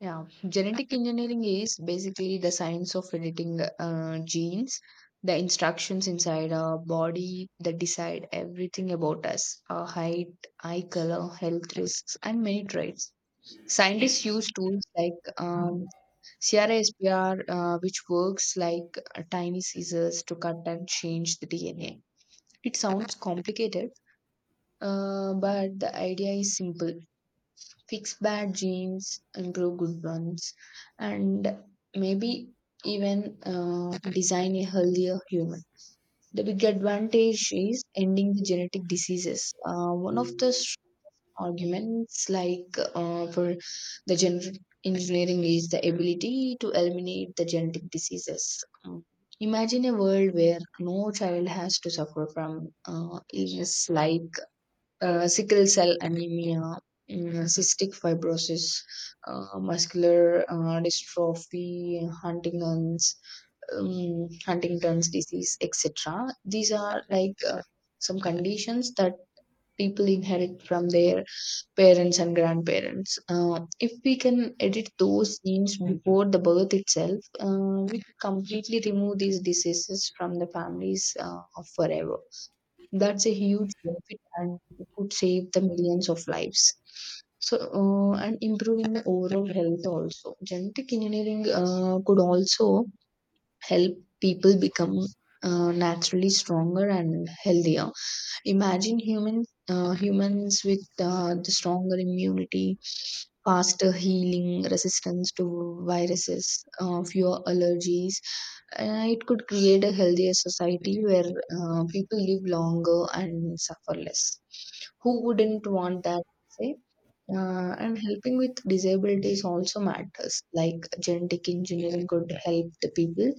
Yeah, genetic engineering is basically the science of editing genes, the instructions inside our body that decide everything about us, our height, eye color, health risks, and many traits. Scientists use tools like CRISPR, which works like a tiny scissors to cut and change the DNA. It sounds complicated, but the idea is simple: fix bad genes, improve good ones, and maybe even design a healthier human. The big advantage is ending the genetic diseases. One of the s- arguments, like for the genetic engineering, is the ability to eliminate the genetic diseases. Imagine a world where no child has to suffer from illness like sickle cell anemia, cystic fibrosis, muscular dystrophy, Huntington's, Huntington's disease, etc. These are like some conditions that people inherit from their parents and grandparents. If we can edit those genes before the birth itself, we could completely remove these diseases from the families forever. That's a huge benefit and it could save the millions of lives. So, and improving the overall health also. Genetic engineering could also help people become naturally stronger and healthier. Imagine humans with the stronger immunity, faster healing, resistance to viruses, fewer allergies. It could create a healthier society where people live longer and suffer less. Who wouldn't want that? Say? And helping with disabilities also matters. Like genetic engineering could help the people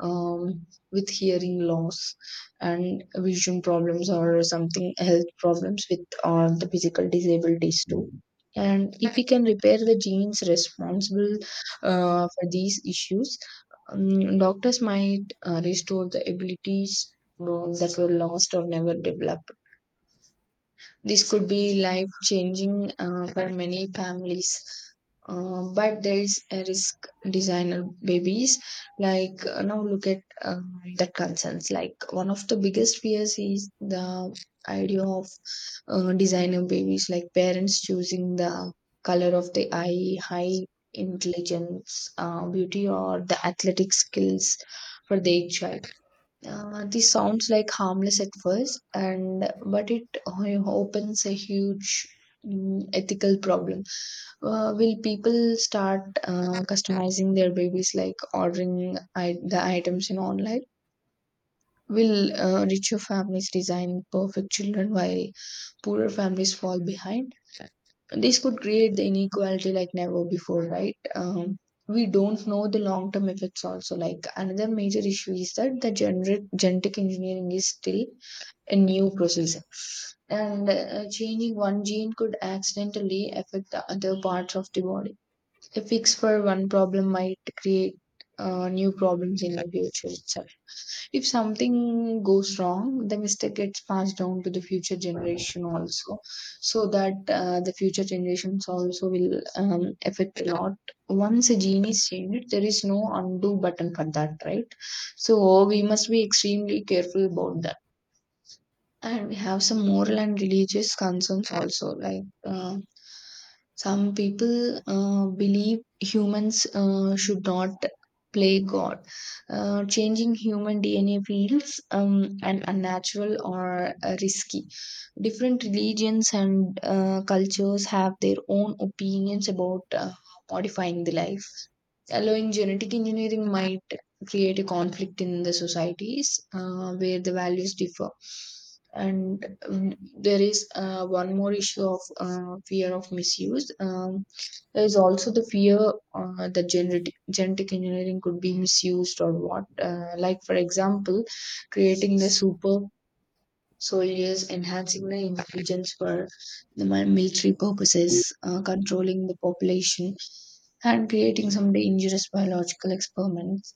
with hearing loss and vision problems or something, health problems with the physical disabilities too. And if we can repair the genes responsible for these issues, doctors might restore the abilities that were lost or never developed. This could be life changing for many families. But there is a risk: designer babies. Now look at the concerns. Like, one of the biggest fears is the idea of designer babies, like parents choosing the color of the eye, high intelligence, beauty, or the athletic skills for their child. This sounds like harmless at first, and but it o- opens a huge ethical problem. Will people start customizing their babies, like ordering the items in online? Will richer families design perfect children while poorer families fall behind? This could create the inequality like never before, right? We don't know the long term effects also. Like, another major issue is that the genetic engineering is still a new process, and changing one gene could accidentally affect the other parts of the body. A fix for one problem might create new problems in the future itself. If something goes wrong, the mistake gets passed down to the future generation also, so that the future generations also will affect a lot. Once a gene is changed, there is no undo button for that, right? So we must be extremely careful about that. And we have some moral and religious concerns also. Some people believe humans should not play God. Changing human DNA feels and unnatural or risky. Different religions and cultures have their own opinions about modifying the life. Allowing genetic engineering might create a conflict in the societies where the values differ. And there is one more issue of fear of misuse. There is also the fear that genetic engineering could be misused or what. Like for example, creating the super soldiers, enhancing the intelligence for the military purposes, controlling the population, and creating some dangerous biological experiments.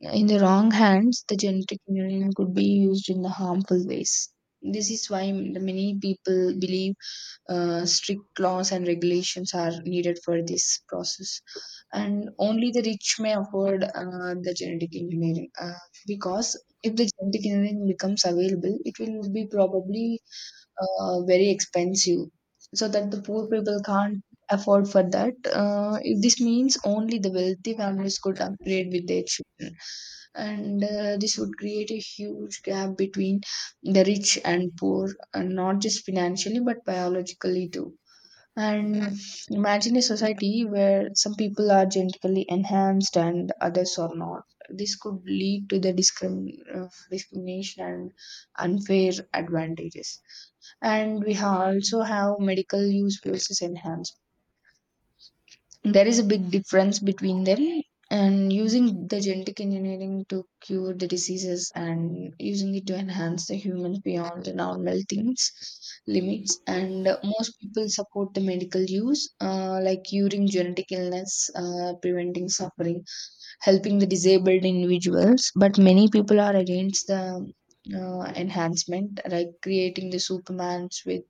In the wrong hands, the genetic engineering could be used in the harmful ways. This is why the many people believe strict laws and regulations are needed for this process. And only the rich may afford the genetic engineering, because if the genetic engineering becomes available, it will be probably very expensive, so that the poor people can't afford for that. This means only the wealthy families could upgrade with their children, and this would create a huge gap between the rich and poor, and not just financially but biologically too. And imagine a society where some people are genetically enhanced and others are not. This could lead to the discrimination and unfair advantages. And we also have medical use places enhanced. There is a big difference between them, and using the genetic engineering to cure the diseases and using it to enhance the humans beyond the normal things limits. And most people support the medical use, like curing genetic illness, preventing suffering, helping the disabled individuals, but many people are against the enhancement, like creating the supermans with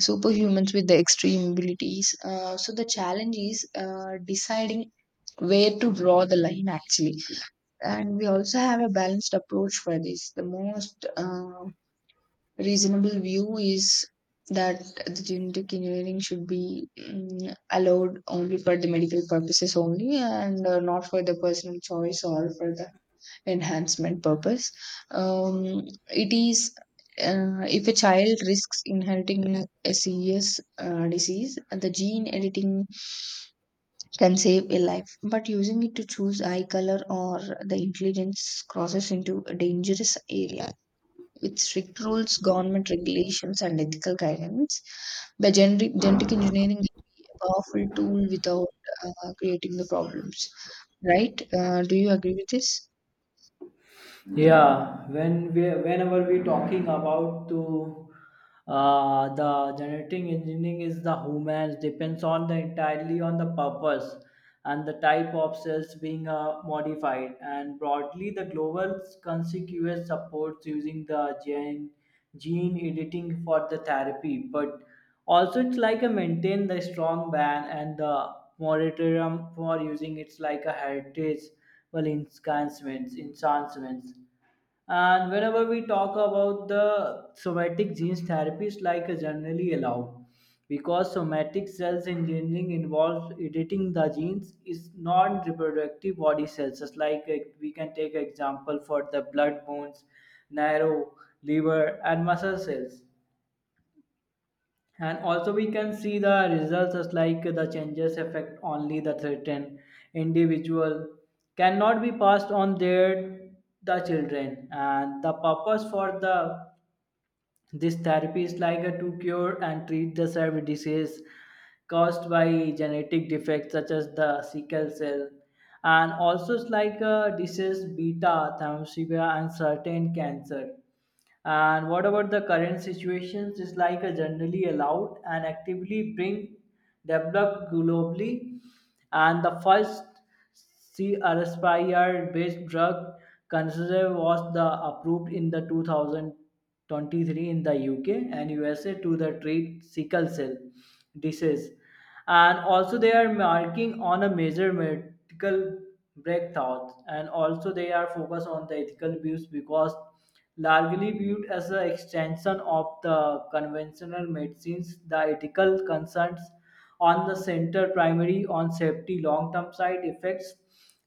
superhumans with the extreme abilities. So the challenge is deciding where to draw the line actually. And we also have a balanced approach for this. The most reasonable view is that the genetic engineering should be allowed only for the medical purposes only and not for the personal choice or for the enhancement purpose. um, it is, if a child risks inheriting a serious disease, the gene editing can save a life, but using it to choose eye color or the intelligence crosses into a dangerous area. With strict rules, government regulations, and ethical guidance, genetic engineering can be a powerful tool without creating the problems, right? Do you agree with this? Yeah, whenever we talking about to the generating engineering is the humans depends on the entirely on the purpose and the type of cells being modified. And broadly, the global conspicuous supports using the gene editing for the therapy, but also it's like a maintain the strong ban and the moratorium for using it's like a heritage well enhancements and whenever we talk about the somatic gene therapies, like generally allowed, because somatic cells engineering involves editing the genes is non-reproductive body cells. Just like we can take example for the blood bones, narrow liver, and muscle cells and also we can see the results as like the changes affect only the threatened individual cannot be passed on the children and the purpose for the this therapy is like a to cure and treat the severe disease caused by genetic defects such as the sickle cell and also it's like a disease beta thalassemia and certain cancer and what about the current situations? Is like a generally allowed and actively being developed globally and the first CRSPR-based drug considered was the approved in the 2023 in the UK and USA to the treat sickle cell disease. And also they are marking on a major medical breakthrough and also they are focused on the ethical views because largely viewed as an extension of the conventional medicines, the ethical concerns on the center primary on safety long term side effects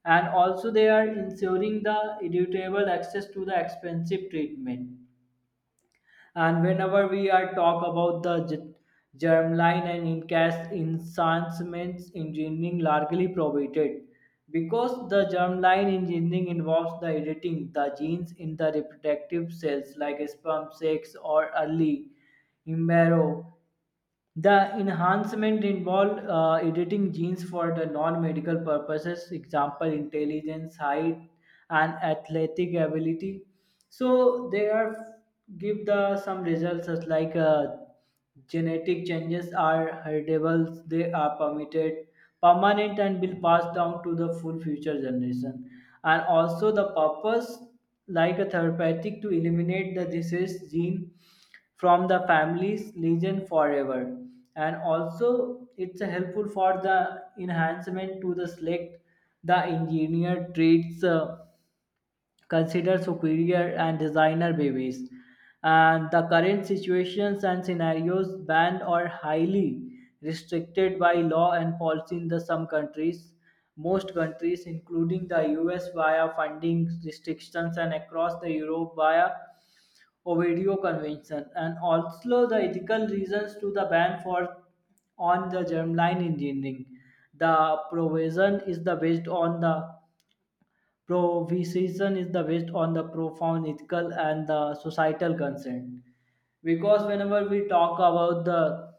and also they are ensuring the irritable access to the expensive treatment and whenever we are talk about the germline and in-cast enhancements engineering largely prohibited because the germline engineering involves the editing the genes in the reproductive cells like sperm sex or early embryo the enhancement involved editing genes for the non-medical purposes, example intelligence, height, and athletic ability so they are give the some results as like genetic changes are heritable they are permitted permanent and will pass down to the full future generation and also the purpose like a therapeutic to eliminate the disease gene from the family's legion forever and also it's a helpful for the enhancement to the select the engineer traits consider superior and designer babies and the current situations and scenarios banned or highly restricted by law and policy in the some countries most countries including the US via funding restrictions and across the Europe via Ovidio Convention and also the ethical reasons to the ban for on the germline engineering. The provision is the based on the profound ethical and the societal concern. Because whenever we talk about the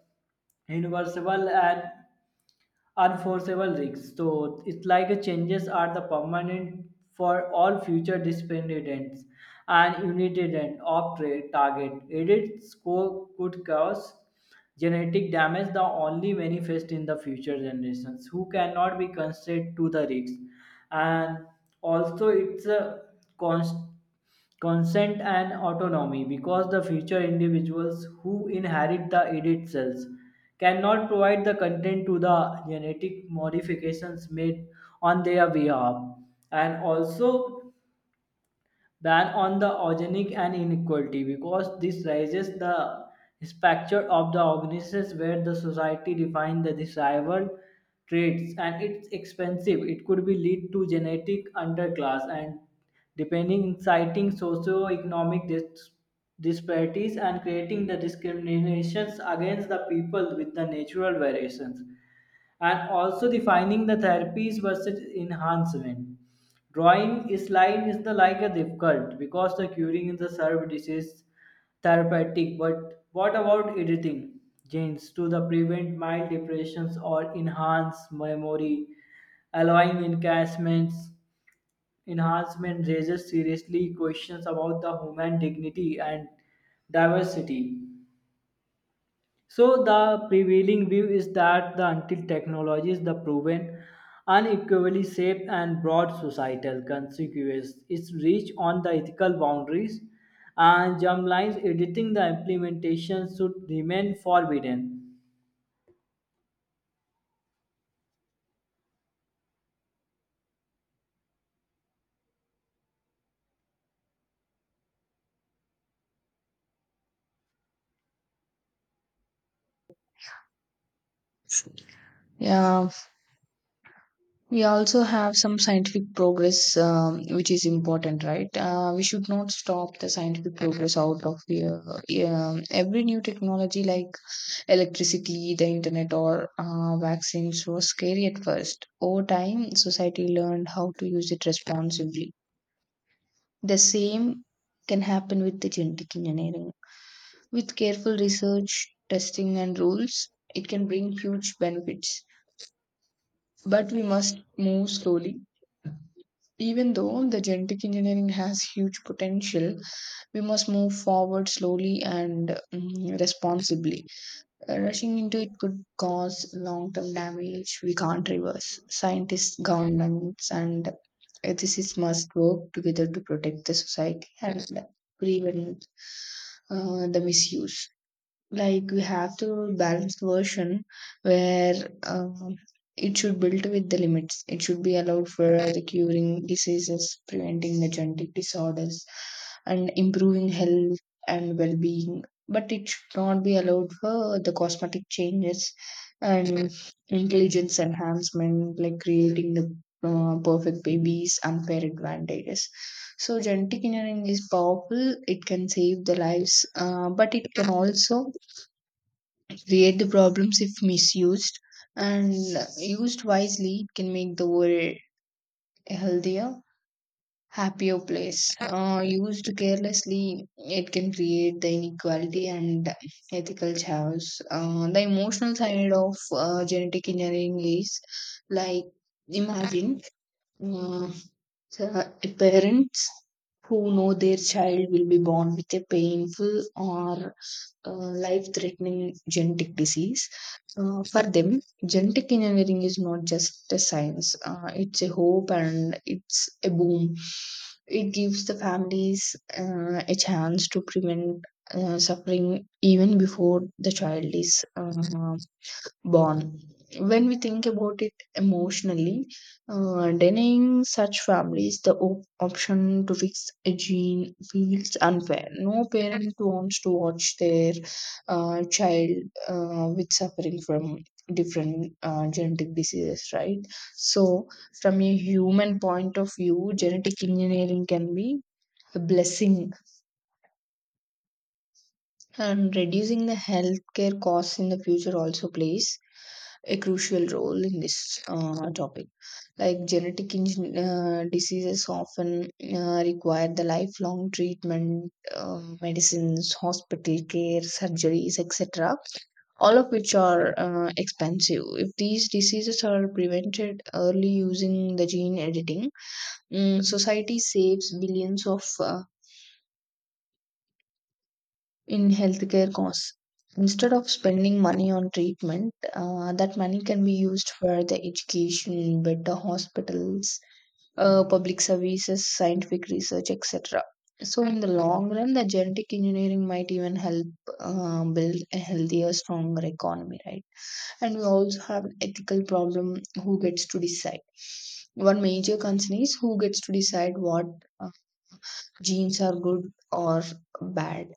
universal and unforeseeable risks. So it's like a changes are the permanent for all future dependents and unitedent of trade target. Edit score could cause genetic damage that only manifest in the future generations who cannot be constrained to the risks. And also it's a constant consent and autonomy because the future individuals who inherit the edit cells cannot provide the content to the genetic modifications made on their behalf and also ban on the organic and inequality because this raises the spectre of the organisms where the society defines the desirable traits and it's expensive. It could be lead to genetic underclass and depending inciting socio-economic disparities and creating the discriminations against the people with the natural variations and also defining the therapies versus enhancement. Drawing is like is the like a difficult because the curing is the served disease therapeutic, but what about editing genes to the prevent mild depressions or enhance memory, allowing enhancements enhancement raises seriously questions about the human dignity and diversity. So the prevailing view is that the until technology is the proven unequally safe and broad societal consequence, its reach on the ethical boundaries and germlines editing the implementation should remain forbidden. Yeah, we also have some scientific progress, which is important, right? We should not stop the scientific progress out of here. Yeah, every new technology like electricity, the internet, or vaccines was scary at first. Over time, society learned how to use it responsibly. The same can happen with the genetic engineering. With careful research, testing, and rules, it can bring huge benefits. But we must move slowly. Even though the genetic engineering has huge potential, we must move forward slowly and responsibly. Rushing into it could cause long term damage we can't reverse. Scientists, governments, and ethicists must work together to protect the society and prevent the misuse. Like, we have to balance version where um, it should build with the limits. It should be allowed for the curing diseases, preventing the genetic disorders, and improving health and well-being, but it should not be allowed for the cosmetic changes and intelligence enhancement, like creating the perfect babies, unfair advantages. So genetic engineering is powerful. It can save the lives, but it can also create the problems if misused. And used wisely, it can make the world a healthier, happier place. Used carelessly, it can create the inequality and ethical chaos. The emotional side of genetic engineering is like, imagine uh, the parents who know their child will be born with a painful or uh, life-threatening genetic disease. For them, genetic engineering is not just a science; it's a hope and it's a boom. It gives the families a chance to prevent suffering even before the child is born. When we think about it emotionally, denying such families the option to fix a gene feels unfair. No parent wants to watch their child with suffering from different genetic diseases, right? So, from a human point of view, genetic engineering can be a blessing. And reducing the healthcare costs in the future also plays a crucial role in this topic. Like, diseases often require the lifelong treatment, medicines, hospital care, surgeries, etc. All of which are expensive. If these diseases are prevented early using the gene editing, society saves billions of in healthcare costs. Instead of spending money on treatment, that money can be used for the education, better hospitals, public services, scientific research, etc. So, in the long run, the genetic engineering might even help build a healthier, stronger economy, right? And we also have an ethical problem: who gets to decide? One major concern is who gets to decide what uh, genes are good or bad.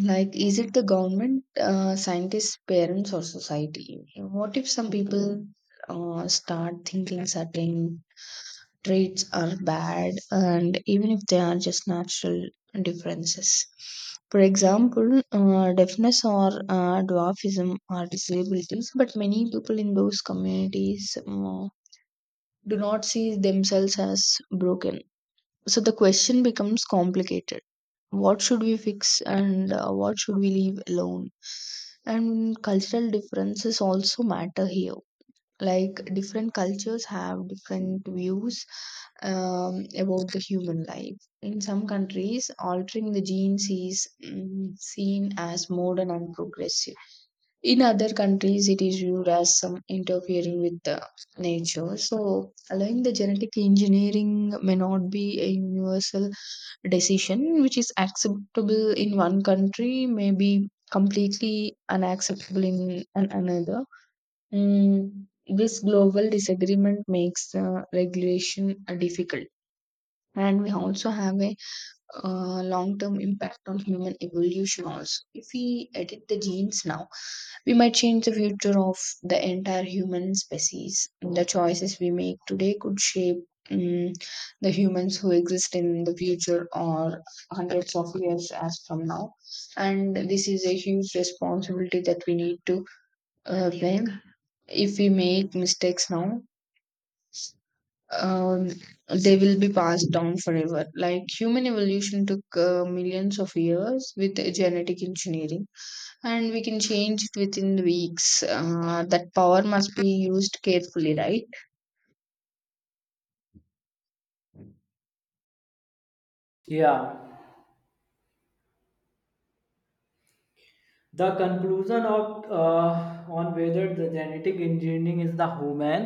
Like, is it the government, scientists, parents, or society? What if some people start thinking certain traits are bad, and even if they are just natural differences? For example, deafness or dwarfism are disabilities, but many people in those communities do not see themselves as broken. So the question becomes complicated: what should we fix and what should we leave alone? And cultural differences also matter here. Like, different cultures have different views about the human life. In some countries, altering the genes is seen as modern and progressive. In other countries, it is viewed as some interfering with the nature. So, allowing the genetic engineering may not be a universal decision. Which is acceptable in one country, may be completely unacceptable in another. This global disagreement makes the regulation difficult. And we also have a long term impact on human evolution also. If we edit the genes now, we might change the future of the entire human species. The choices we make today could shape mm, the humans who exist in the future or hundreds of years as from now. And this is a huge responsibility that we need to bear. If we make mistakes now, um, they will be passed down forever. Like, human evolution took millions of years. With genetic engineering, and we can change it within the weeks. That power must be used carefully, right? Yeah. The conclusion of on whether the genetic engineering is the human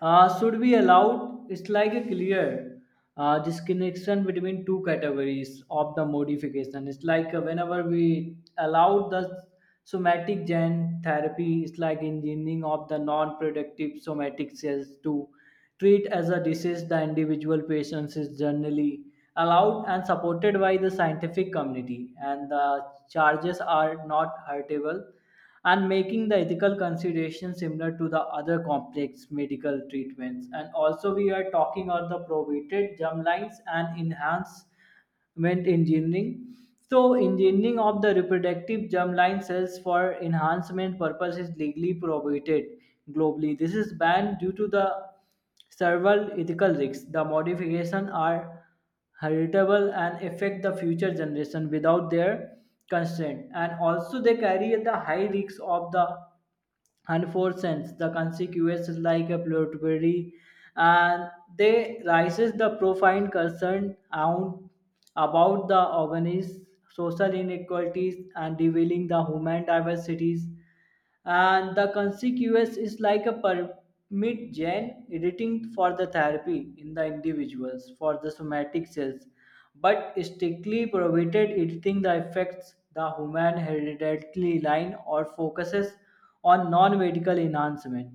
should be allowed it's like a clear disconnection between two categories of the modification it's like whenever we allow the somatic gene therapy it's like engineering of the non-productive somatic cells too treat as a disease, the individual patients is generally allowed and supported by the scientific community, and the charges are not hurtable, and making the ethical consideration similar to the other complex medical treatments. And also, we are talking on the prohibited germlines and enhanced went engineering. So, engineering of the reproductive germline cells for enhancement purpose is legally prohibited globally. This is banned due to the several ethical risks. The modifications are heritable and affect the future generation without their consent, and also they carry the high risks of the and 4 cents the consequences like a blueberry and they raises the profound concern around about the organised social inequalities and revealing the human diversities and the consequence is like a permit gene editing for the therapy in the individuals for the somatic cells but strictly prohibited editing the effects the human hereditary line or focuses on non-medical enhancement